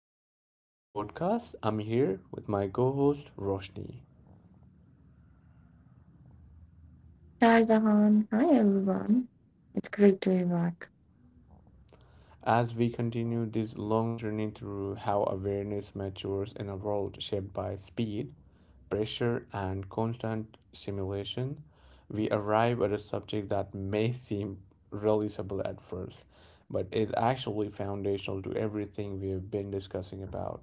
Welcome back to the podcast. I'm here with my co host, Roshni. Hi Zahan. Hi everyone. It's great to be back. As we continue this long journey through how awareness matures in a world shaped by speed, pressure, and constant stimulation, we arrive at a subject that may seem really simple at first, but is actually foundational to everything we have been discussing about,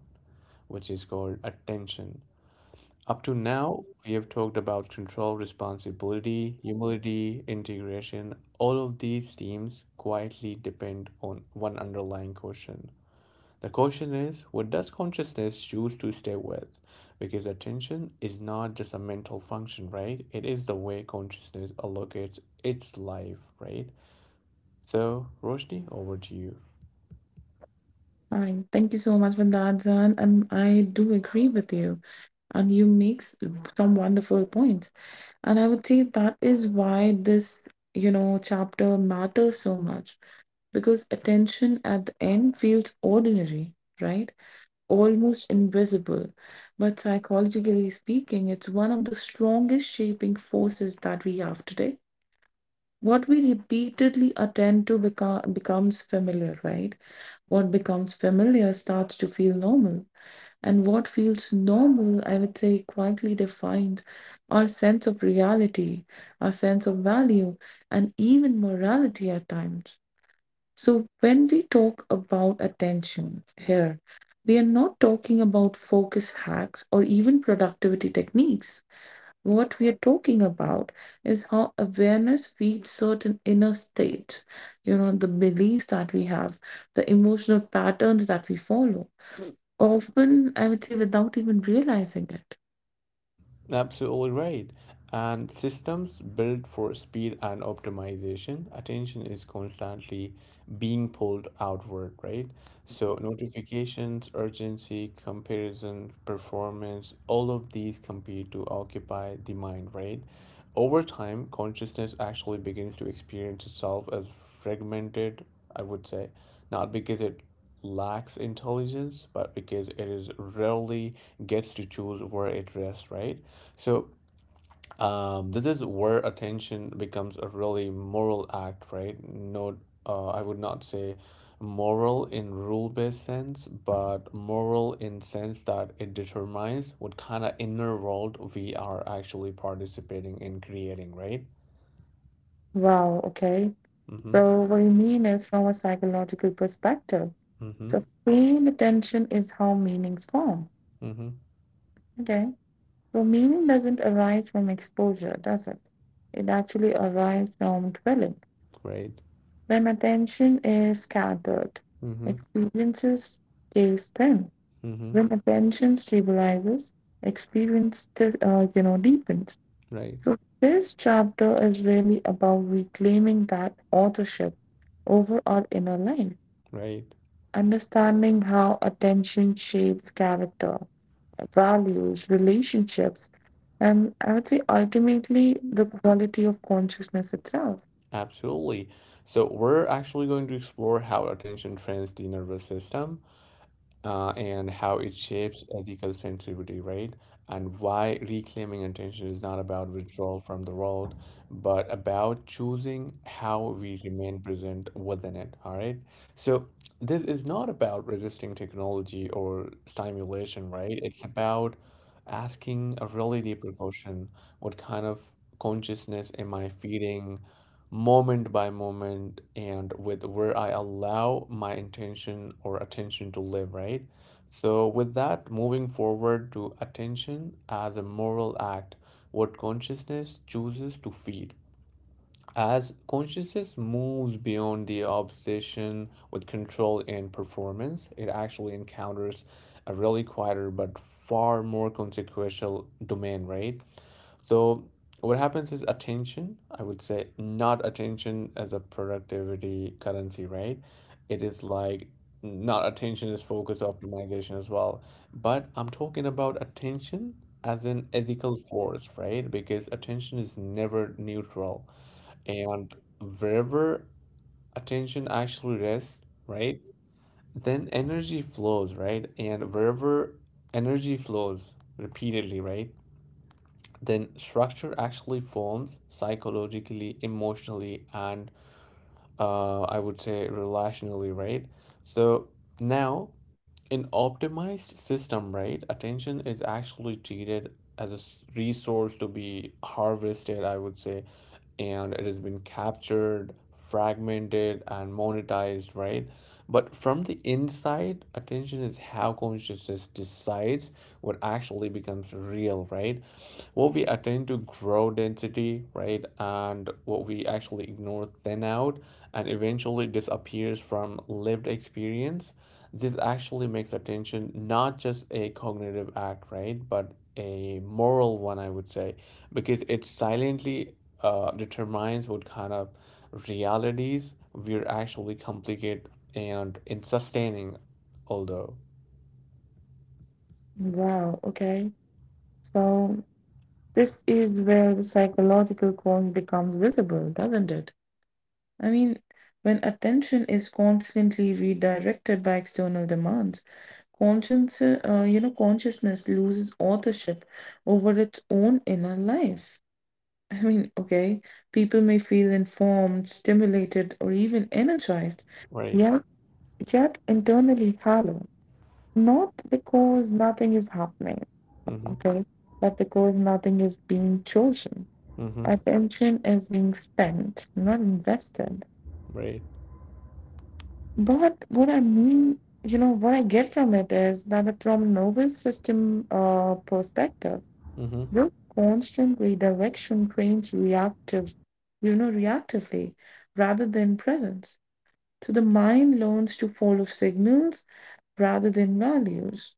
which is called attention. Up to now, we have talked about control, responsibility, humility, integration. All of these themes quietly depend on one underlying question. The question is what does consciousness choose to stay with? Because attention is not just a mental function, right? It is the way consciousness allocates its life, right? So, Roshni, over to you. Hi. Thank you so much for that, Zahan. And I do agree with you. And you some wonderful points. And I would say that is why this, chapter matters so much because attention at the end feels ordinary, right? Almost invisible. But psychologically speaking, it's one of the strongest shaping forces that we have today, what we repeatedly attend to becomes familiar, right? What becomes familiar starts to feel normal, and what feels normal, I would say, quietly defines our sense of reality, our sense of value, and even morality at times. So, when we talk about attention here, we are not talking about focus hacks or even productivity techniques. What we are talking about is how awareness feeds certain inner states, you know, the beliefs that we have, the emotional patterns that we follow, often, I would say, without even realizing it. Absolutely right. And systems built for speed and optimization, attention is constantly being pulled outward, right? So, notifications, urgency, comparison, performance, all of these compete to occupy the mind, right? Over time, consciousness actually begins to experience itself as fragmented, I would say, not because it lacks intelligence, but because it is rarely gets to choose where it rests, right? So this is where attention becomes a really moral act, right? No, I would not say moral in rule-based sense, but moral in sense that it determines what kind of inner world we are actually participating in creating, right? Wow, okay. Mm-hmm. So, what you mean is from a psychological perspective. Mm-hmm. So, paying attention is how meanings form. Mm-hmm. Okay. So, meaning doesn't arise from exposure, does it? It actually arises from dwelling. Right. When attention is scattered, Mm-hmm. experiences stays thin. Mm-hmm. When attention stabilizes, experience, you know, deepens. Right. So, this chapter is really about reclaiming that authorship over our inner life, Right. understanding how attention shapes character, values, relationships, and I would say ultimately the quality of consciousness itself. Absolutely. So we're actually going to explore how attention trains the nervous system and how it shapes ethical sensitivity, right? And why reclaiming attention is not about withdrawal from the world, but about choosing how we remain present within it, all right? So this is not about resisting technology or stimulation, right? It's about asking a really deeper question. What kind of consciousness am I feeding moment by moment and with where I allow my intention or attention to live, right? So with that, moving forward to attention as a moral act, what consciousness chooses to feed. As consciousness moves beyond the obsession with control and performance, it actually encounters a really quieter but far more consequential domain, right? So, what happens is attention, I would say, not attention as a productivity currency, right? It is like not attention is focus optimization as well. But I'm talking about attention as an ethical force, right? Because attention is never neutral and wherever attention actually rests, right, then energy flows, right? And wherever energy flows repeatedly, right, then structure actually forms psychologically, emotionally, and I would say relationally, right? So now, in optimized system, right, attention is actually treated as a resource to be harvested, I would say, and it has been captured, fragmented, and monetized, right? But from the inside, attention is how consciousness decides what actually becomes real, right? What we attend to grow density, right? And what we actually ignore thin out and eventually disappears from lived experience, this actually makes attention not just a cognitive act, right? But a moral one, I would say, because it silently determines what kind of realities we're actually complicate and in sustaining, although, Wow, okay. So, this is where the psychological cause becomes visible, doesn't it? I mean, when attention is constantly redirected by external demands, you know, consciousness loses authorship over its own inner life. I mean, okay, people may feel informed, stimulated, or even energized, right? yet, internally hollow, not because nothing is happening, Mm-hmm. okay, but because nothing is being chosen. Mm-hmm. Attention is being spent, not invested. Right. But what I mean, you know, what I get from it is that from nervous system perspective, Mm-hmm. your constant redirection trains you know, reactively rather than presence. So the mind learns to follow signals rather than values.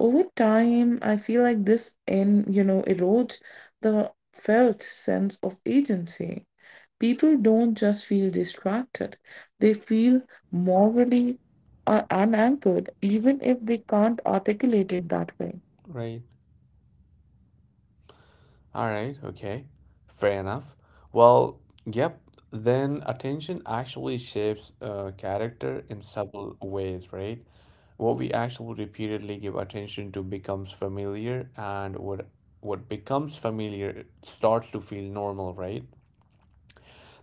Over time, I feel like you know, erodes the felt sense of agency. People don't just feel distracted, they feel morally unanchored, even if they can't articulate it that way. Right. All right, okay. Fair enough. Well, yep, then attention actually shapes character in subtle ways, right? What we actually repeatedly give attention to becomes familiar, and what becomes familiar starts to feel normal, right?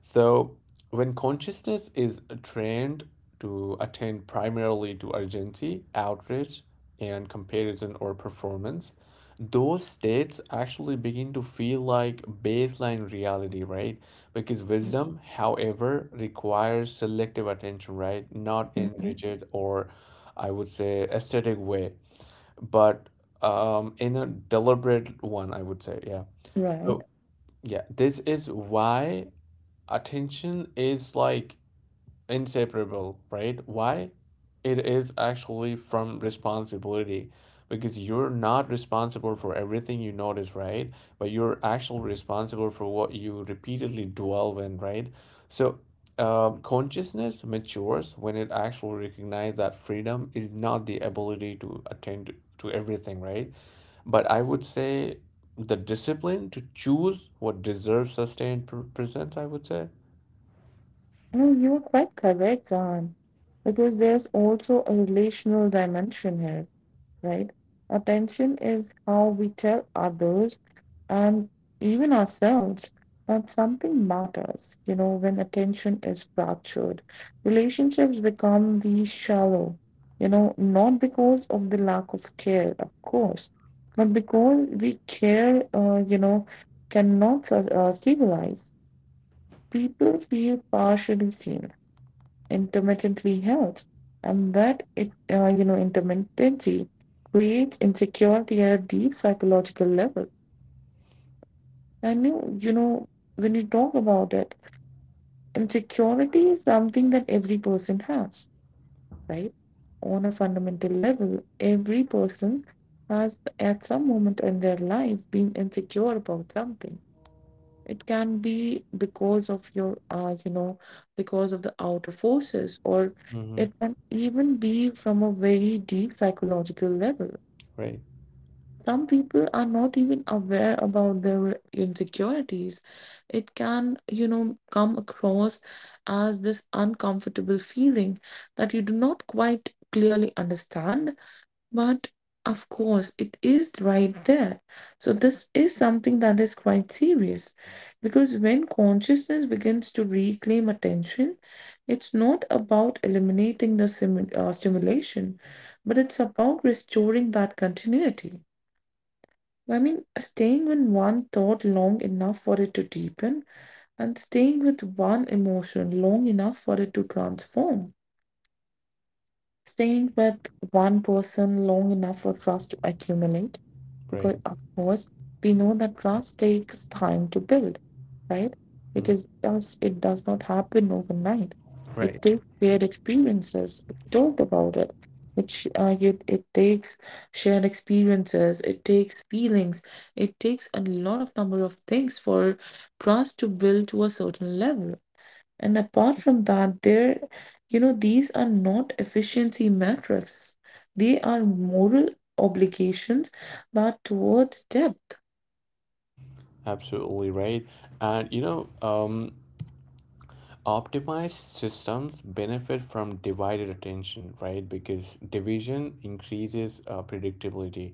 So, when consciousness is trained to attend primarily to urgency, outreach, and comparison or performance, those states actually begin to feel like baseline reality, right? Because wisdom, however, requires selective attention, right? Not in Mhm. rigid or I would say aesthetic way, but in a deliberate one, I would say, yeah. Right. So, yeah, this is why attention is like inseparable, right? Why? It is actually from responsibility because you're not responsible for everything you notice, right? But you're actually responsible for what you repeatedly dwell in, right? So, consciousness matures when it actually recognizes that freedom is not the ability to attend to everything, right? But I would say the discipline to choose what deserves sustained presence, I would say. No, you're quite correct, Zan, because there's also a relational dimension here, right? Attention is how we tell others and even ourselves that something matters. You know, when attention is fractured, relationships become these shallow, you know, not because of the lack of care, of course, but because you know, cannot stabilize. People feel partially seen, intermittently held, and that you know, intermittency creates insecurity at a deep psychological level. And you know, when you talk about it, insecurity is something that every person has, right? On a fundamental level, every person has at some moment in their life been insecure about something. It can be because of you know, because of the outer forces, or Mm-hmm. it can even be from a very deep psychological level. Right, Some people are not even aware about their insecurities. It can, you know, come across as this uncomfortable feeling that you do not quite clearly understand, but of course, it is right there. So, this is something that is quite serious because when consciousness begins to reclaim attention, it's not about eliminating the stimulation, but it's about restoring that continuity. I mean, staying with one thought long enough for it to deepen, and staying with one emotion long enough for it to transform, staying with one person long enough for trust to accumulate, because right, of course we know that trust takes time to build, right? It mm, is does, it does not happen overnight. It right. takes shared experiences, we talked about it, which it takes shared experiences, it takes feelings, it takes a lot of number of things for trust to build to a certain level. And apart from that, there, you know, these are not efficiency metrics. They are moral obligations that towards depth. Absolutely right. And you know, optimized systems benefit from divided attention, right? Because division increases predictability,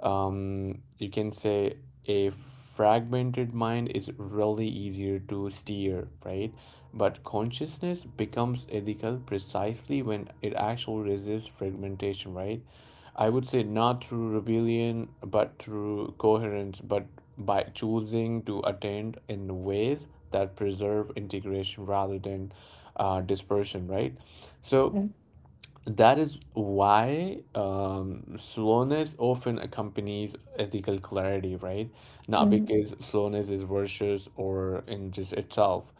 you can say a fragmented mind is really easier to steer, right? But consciousness becomes ethical precisely when it actually resists fragmentation, right? I would say not through rebellion, but through coherence, but by choosing to attend in ways that preserve integration rather than dispersion, right? So, Mhm. that is why slowness often accompanies ethical clarity, right? Not Mhm. because slowness is virtuous or in just itself,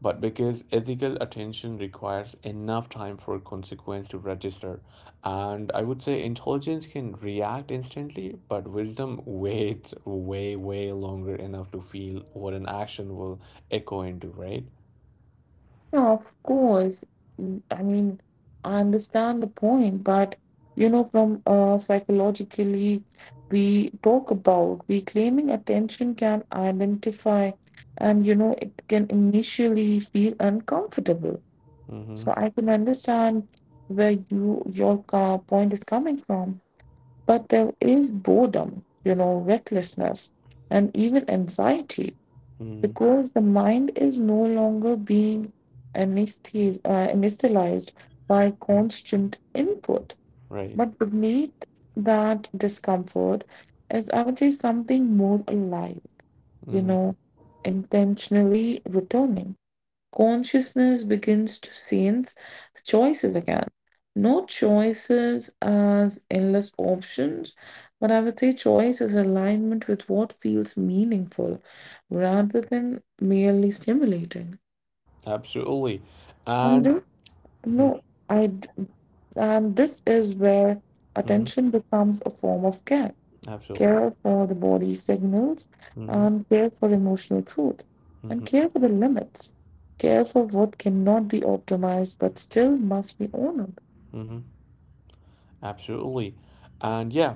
but because ethical attention requires enough time for consequence to register. And I would say intelligence can react instantly, but wisdom waits way, way longer enough to feel what an action will echo into, right? No, of course. Mm, I mean, I understand the point, but you know, from psychologically, we talk about reclaiming attention can identify, and you know, it can initially feel uncomfortable. So Mm-hmm. I can understand where your point is coming from, but there is boredom, you know, recklessness, and even anxiety Mm-hmm. because the mind is no longer being anesthetized by Mm-hmm. constant input, Right. but beneath that discomfort is, I would say, something more alive, you Mm-hmm. know, intentionally returning consciousness begins to sense choices again. Not choices as endless options, but I would say choice is alignment with what feels meaningful rather than merely stimulating. Absolutely. And And then, mhm, no, I, d- and this is where mhm, attention becomes a form of care, absolutely. care for the body signals, Hmm. and care for emotional truth, and Hmm. care for the limits, care for what cannot be optimized but still must be honored. Hmm. Absolutely. And yeah,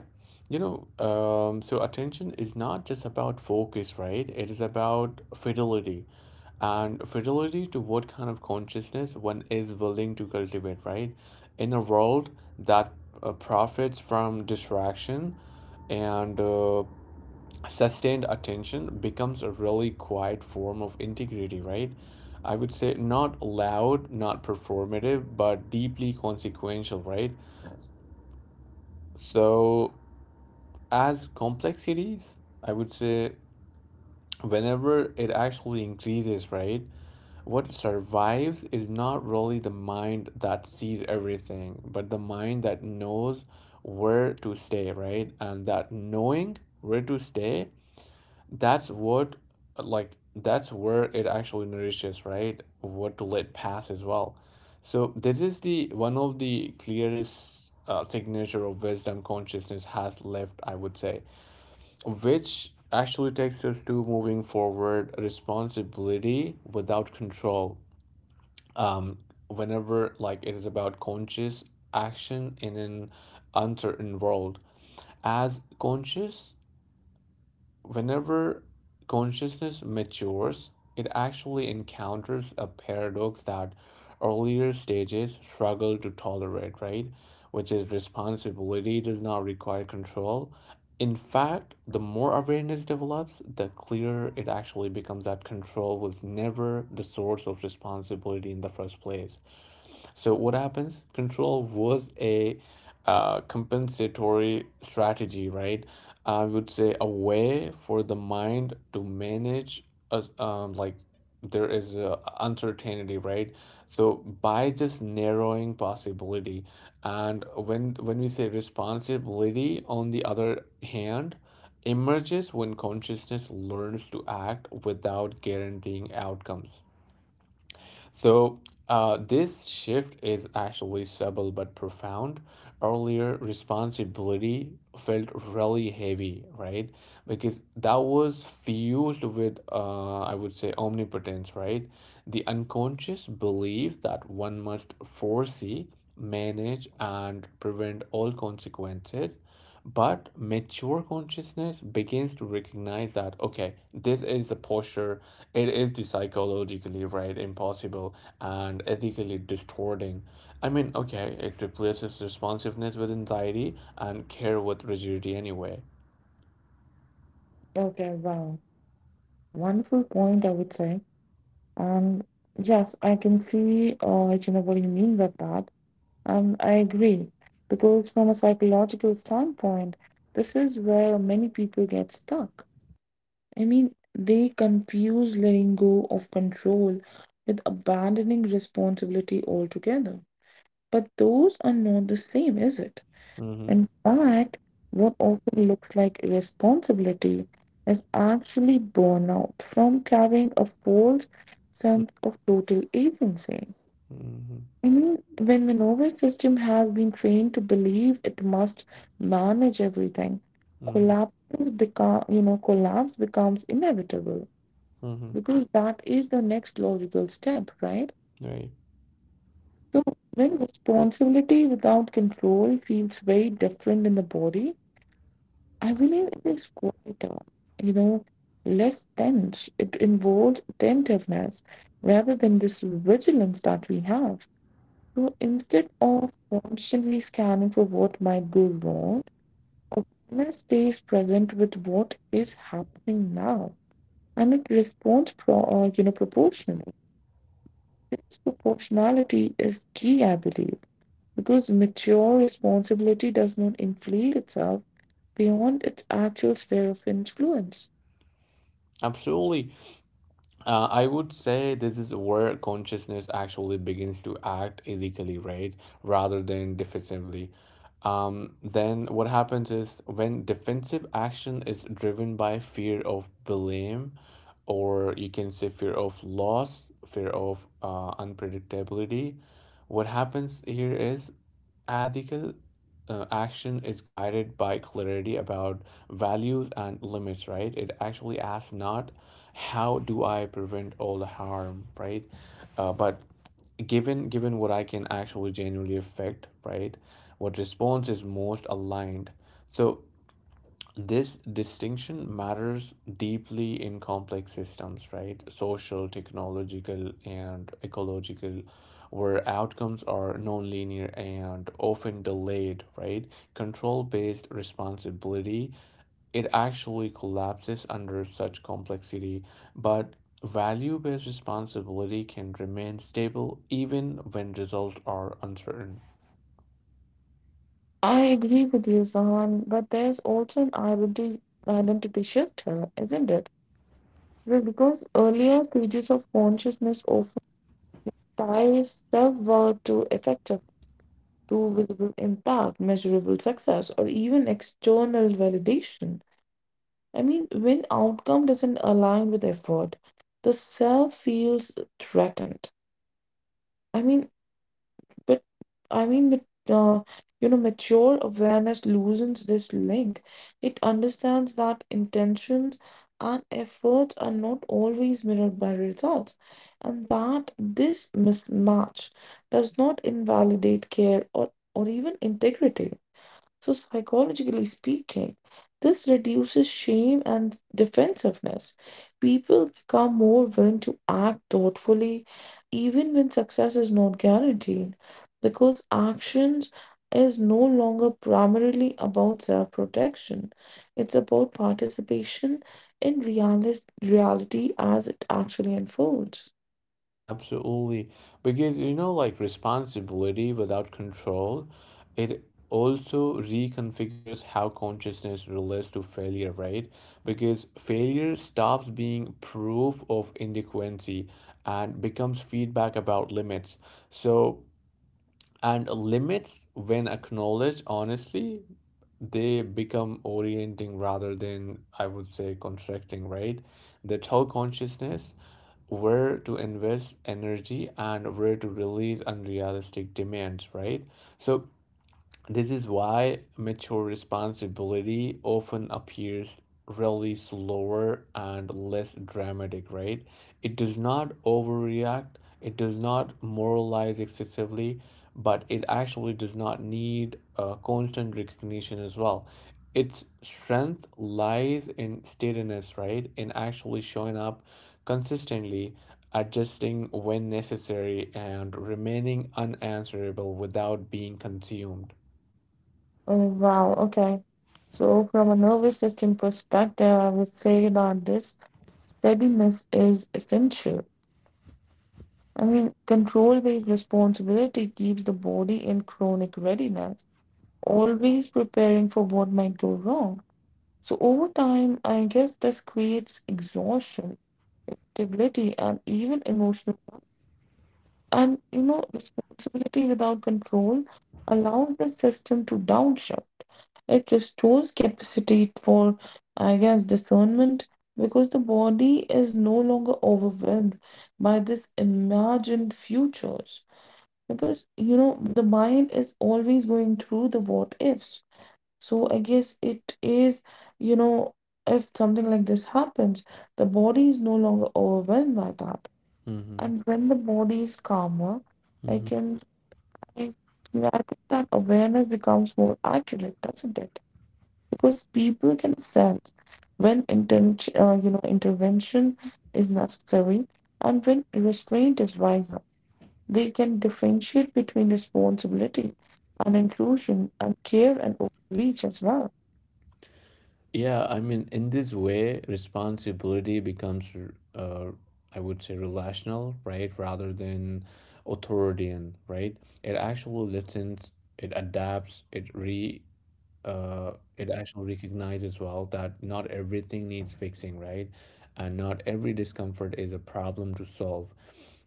you know, so attention is not just about focus, right? It is about fidelity and fidelity to what kind of consciousness one is willing to cultivate, right? In a world that profits from distraction and sustained attention becomes a really quiet form of integrity, right? I would say not loud, not performative, but deeply consequential, right? So, as complexities, I would say whenever it actually increases, right? What survives is not really the mind that sees everything, but the mind that knows where to stay, right? And that knowing where to stay That's what, that's where it actually nourishes, right? What to let pass as well. So this is the one of the clearest signature of wisdom consciousness has left, I would say, which actually takes us to moving forward responsibility without control. Um, whenever like it is about conscious action in an uncertain world, as conscious whenever consciousness matures, it actually encounters a paradox that earlier stages struggle to tolerate, right? Which is responsibility does not require control. In fact, the more awareness develops, the clearer it actually becomes that control was never the source of responsibility in the first place. So what happens? Control was a compensatory strategy, right? I would say a way for the mind to manage uh, um, like there is a uncertainty, right? So by just narrowing possibility, and when we say responsibility, on the other hand, emerges when consciousness learns to act without guaranteeing outcomes. So, this shift is actually subtle but profound. Earlier, responsibility felt really heavy, right? Because that was fused with, I would say, omnipotence, right? The unconscious belief that one must foresee manage and prevent all consequences. But mature consciousness begins to recognize that, okay, this is the posture, it is the psychologically right, impossible, and ethically distorting. I mean, okay, it replaces responsiveness with anxiety and care with rigidity anyway. Okay, wow. Wonderful point, I would say. And yes, I can see, you know, what you mean by that. And I agree, because from a psychological standpoint, this is where many people get stuck. I mean, they confuse letting go of control with abandoning responsibility altogether. But those are not the same, is it? Mm-hmm. In fact, what often looks like irresponsibility is actually burnout from carrying a false sense of total agency. Mm-hmm. I mean, when the nervous system has been trained to believe it must manage everything, Mm-hmm. collapse you know, collapse becomes inevitable Mm-hmm. because that is the next logical step, right? Right. So when responsibility without control feels very different in the body, I believe it is quieter, you know, less tense. It involves attentiveness rather than this vigilance that we have. So instead of constantly scanning for what might go wrong, awareness stays present with what is happening now, and it responds you know, proportionally. This proportionality is key, I believe, because mature responsibility does not inflate itself beyond its actual sphere of influence. Absolutely. I would say this is where consciousness actually begins to act ethically, right? Rather than defensively. Then what happens is when defensive action is driven by fear of blame, or you can say fear of loss, fear of unpredictability, what happens here is ethical action is guided by clarity about values and limits, right? It actually asks not how do I prevent all the harm, right? But given what I can actually genuinely affect, right? What response is most aligned. So this distinction matters deeply in complex systems, right? Social, technological, and ecological, where outcomes are nonlinear and often delayed, right? Control-based responsibility, it actually collapses under such complexity, but value-based responsibility can remain stable even when results are uncertain. I agree with you, Zahan, but there's also identity shift here, isn't it? Well, because earlier stages of consciousness often ties self-worth to visible impact, measurable success, or even external validation. I mean, when outcome doesn't align with effort, the self feels threatened. I mean, but I mean, but, uh, you know, mature awareness loosens this link. It understands that intentions and efforts are not always mirrored by results, and that this mismatch does not invalidate care or even integrity. So, psychologically speaking, this reduces shame and defensiveness. People become more willing to act thoughtfully, even when success is not guaranteed, because actions is no longer primarily about self protection. It's about participation in reality as it actually unfolds. Absolutely. Because you know, like responsibility without control, it also reconfigures how consciousness relates to failure, right? Because failure stops being proof of inadequacy and becomes feedback about limits. So, and limits, when acknowledged honestly, they become orienting rather than, I would say, contracting, right? They tell consciousness where to invest energy and where to release unrealistic demands, right? So this is why mature responsibility often appears really slower and less dramatic, right? It does not overreact, it does not moralize excessively, but it actually does not need constant recognition as well. Its strength lies in steadiness, right? In actually showing up consistently, adjusting when necessary, and remaining unanswerable without being consumed. Oh, wow. Okay. So, from a nervous system perspective, I would say that this steadiness is essential. I mean, control based responsibility keeps the body in chronic readiness, always preparing for what might go wrong. So, over time, I guess this creates exhaustion, stability, and even emotional. And you know, responsibility without control allows the system to downshift. It restores capacity for, I guess, discernment, because the body is no longer overwhelmed by this imagined futures, because you know the mind is always going through the what ifs. So I guess it is, you know, if something like this happens, the body is no longer overwhelmed by that. Hmm. And when the body is calmer, I Hmm. can I, yeah, I think that awareness becomes more accurate, doesn't it? Because people can sense when you know, intervention is necessary and when restraint is wiser. They can differentiate between responsibility and intrusion, and care and overreach as well. Yeah, I mean, in this way, responsibility becomes, uh, I would say, relational, right, rather than authoritarian, right? It actually listens, it adapts, it actually recognized as well that not everything needs fixing, right? And not every discomfort is a problem to solve.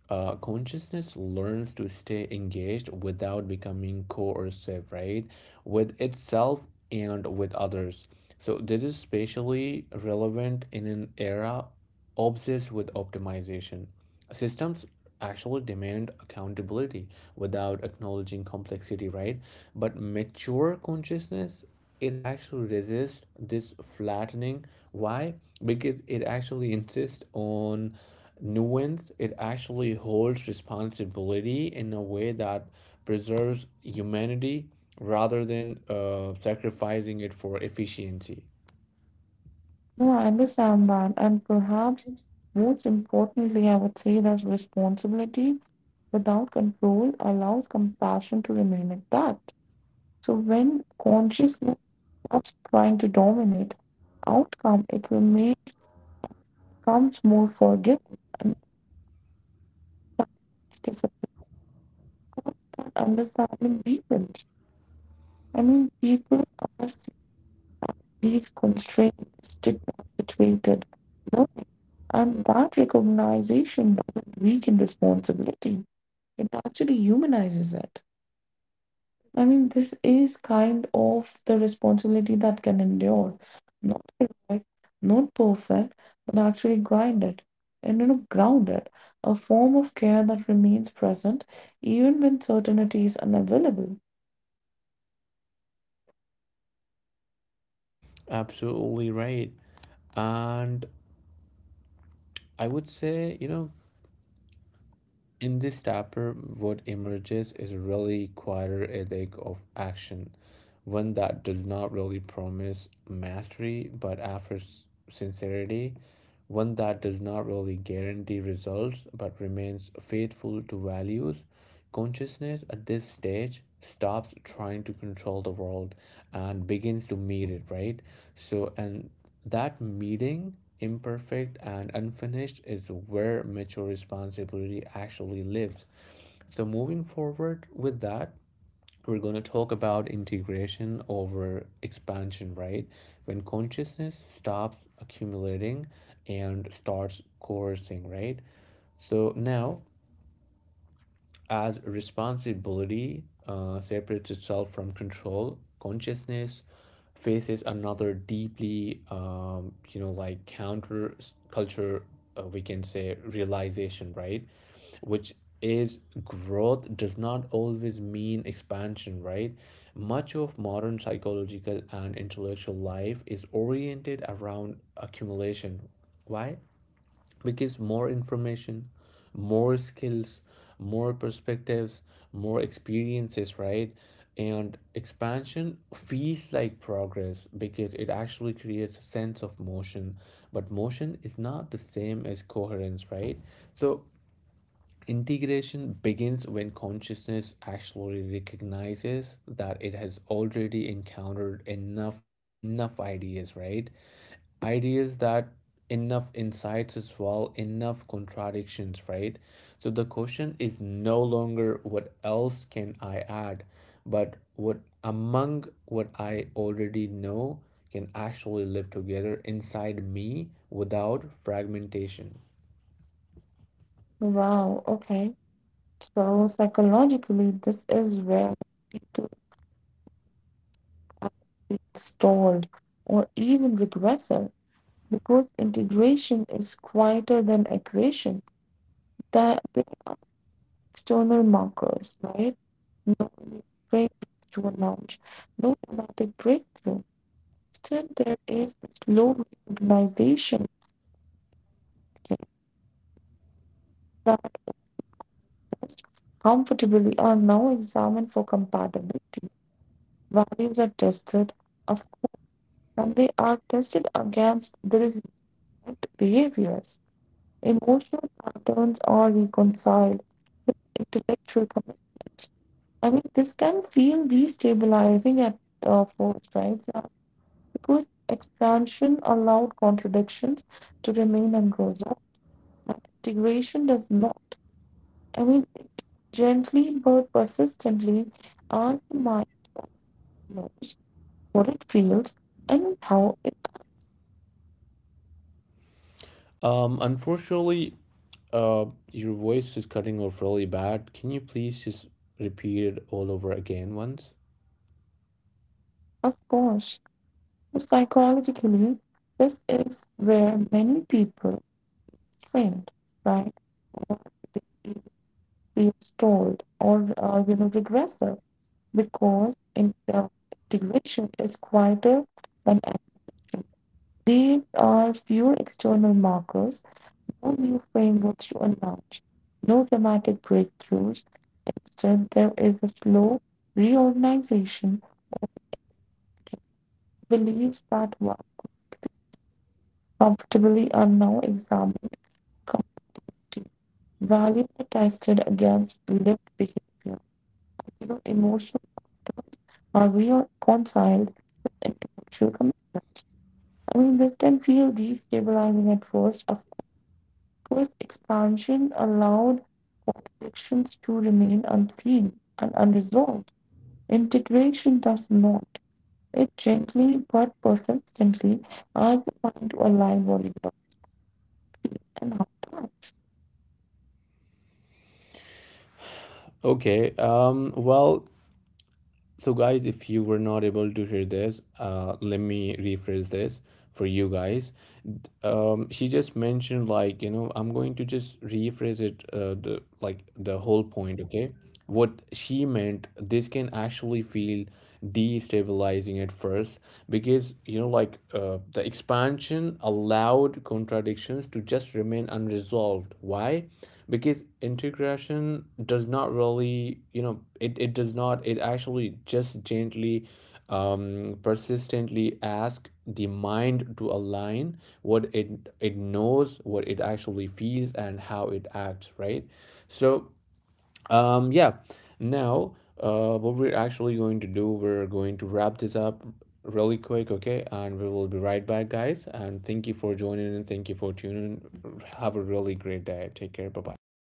Consciousness learns to stay engaged without becoming coercive, right? With itself and with others. So this is especially relevant in an era obsessed with optimization. Systems actually demand accountability without acknowledging complexity, right? But mature consciousness, it actually resists this flattening. Why? Because it actually insists on nuance, it actually holds responsibility in a way that preserves humanity rather than sacrificing it for efficiency. No, I understand that. And perhaps most importantly, I would say that responsibility without control allows compassion to remain intact. So when consciousness stops trying to dominate outcome, it remains becomes more forgiving and its understanding deepens. I mean, people are seeing these constraints stigma situated, learning, and that recognition doesn't weaken responsibility. It actually humanizes it. I mean, this is kind of the responsibility that can endure. Not heroic, not perfect, but actually grinded, and you know, grounded. A form of care that remains present even when certainty is unavailable. Absolutely right. And I would say, you know, in this chapter, what emerges is a really quieter ethic of action, one that does not really promise mastery but offers sincerity, one that does not really guarantee results but remains faithful to values. Consciousness at this stage stops trying to control the world and begins to meet it, right? So, and that meeting imperfect and unfinished is where mature responsibility actually lives. So, moving forward with that, we're going to talk about integration over expansion, right? When consciousness stops accumulating and starts coercing, right? So, now as responsibility separates itself from control, consciousness faces another deeply, counter culture, we can say realization, right? Which is growth does not always mean expansion, right? Much of modern psychological and intellectual life is oriented around accumulation. Why? Because more information, more skills, more perspectives, more experiences, right? And expansion feels like progress because it actually creates a sense of motion, but motion is not the same as coherence, right? So integration begins when consciousness actually recognizes that it has already encountered enough, enough ideas, right? ideas that enough insights as well, enough contradictions, right? So the question is no longer what else can I add, but what among what I already know can actually live together inside me without fragmentation. Wow, okay. So psychologically, this is where people get stalled or even regressive because integration is quieter than aggression. That external markers, right? No breakthrough to announce, no dramatic breakthrough. Instead, there is a slow reorganization that comfortably are now examined for compatibility. Values are tested, of- and they are tested against the resilient behaviors. Emotional patterns are reconciled with intellectual commitments. I mean, this can feel destabilizing at first, right? So because expansion allowed contradictions to remain unresolved, and integration does not. I mean, it gently but persistently asks the mind knows what it feels and how it Unfortunately, uh, your voice is cutting off really bad. Can you please just repeat it all over again once? responds. Psychologically, this is where many people strained, right? Feel stalled or you know, regressive because integration is quieter than action. These are pure external markers, no new frameworks to announce, no dramatic breakthroughs. Instead, there is a slow reorganization, beliefs that were comfortably are now examined, comfortably valued and tested against lived behavior. You know, emotions are reconciled with intellectual commitment. I mean, this can feel destabilizing at first. Of course, expansion allowed connections to remain unseen and unresolved. Integration does not. It gently but persistently asks the mind to align what it knows and how it does. Okay, well, so, guys, if you were not able to hear this, let me rephrase this for you guys. She just mentioned, like, you know, I'm going to just rephrase it, the whole point, okay? What she meant, this can actually feel destabilizing at first because you know like the expansion allowed contradictions to just remain unresolved, why? Because integration does not really you know it does not, it actually just gently persistently ask the mind to align what it knows, what it actually feels, and how it acts, right? So yeah. Now, what we're actually going to do, we're going to wrap this up really quick, okay? And we will be right back, guys. And thank you for joining and thank you for tuning in. Have a really great day. Take care. Bye bye.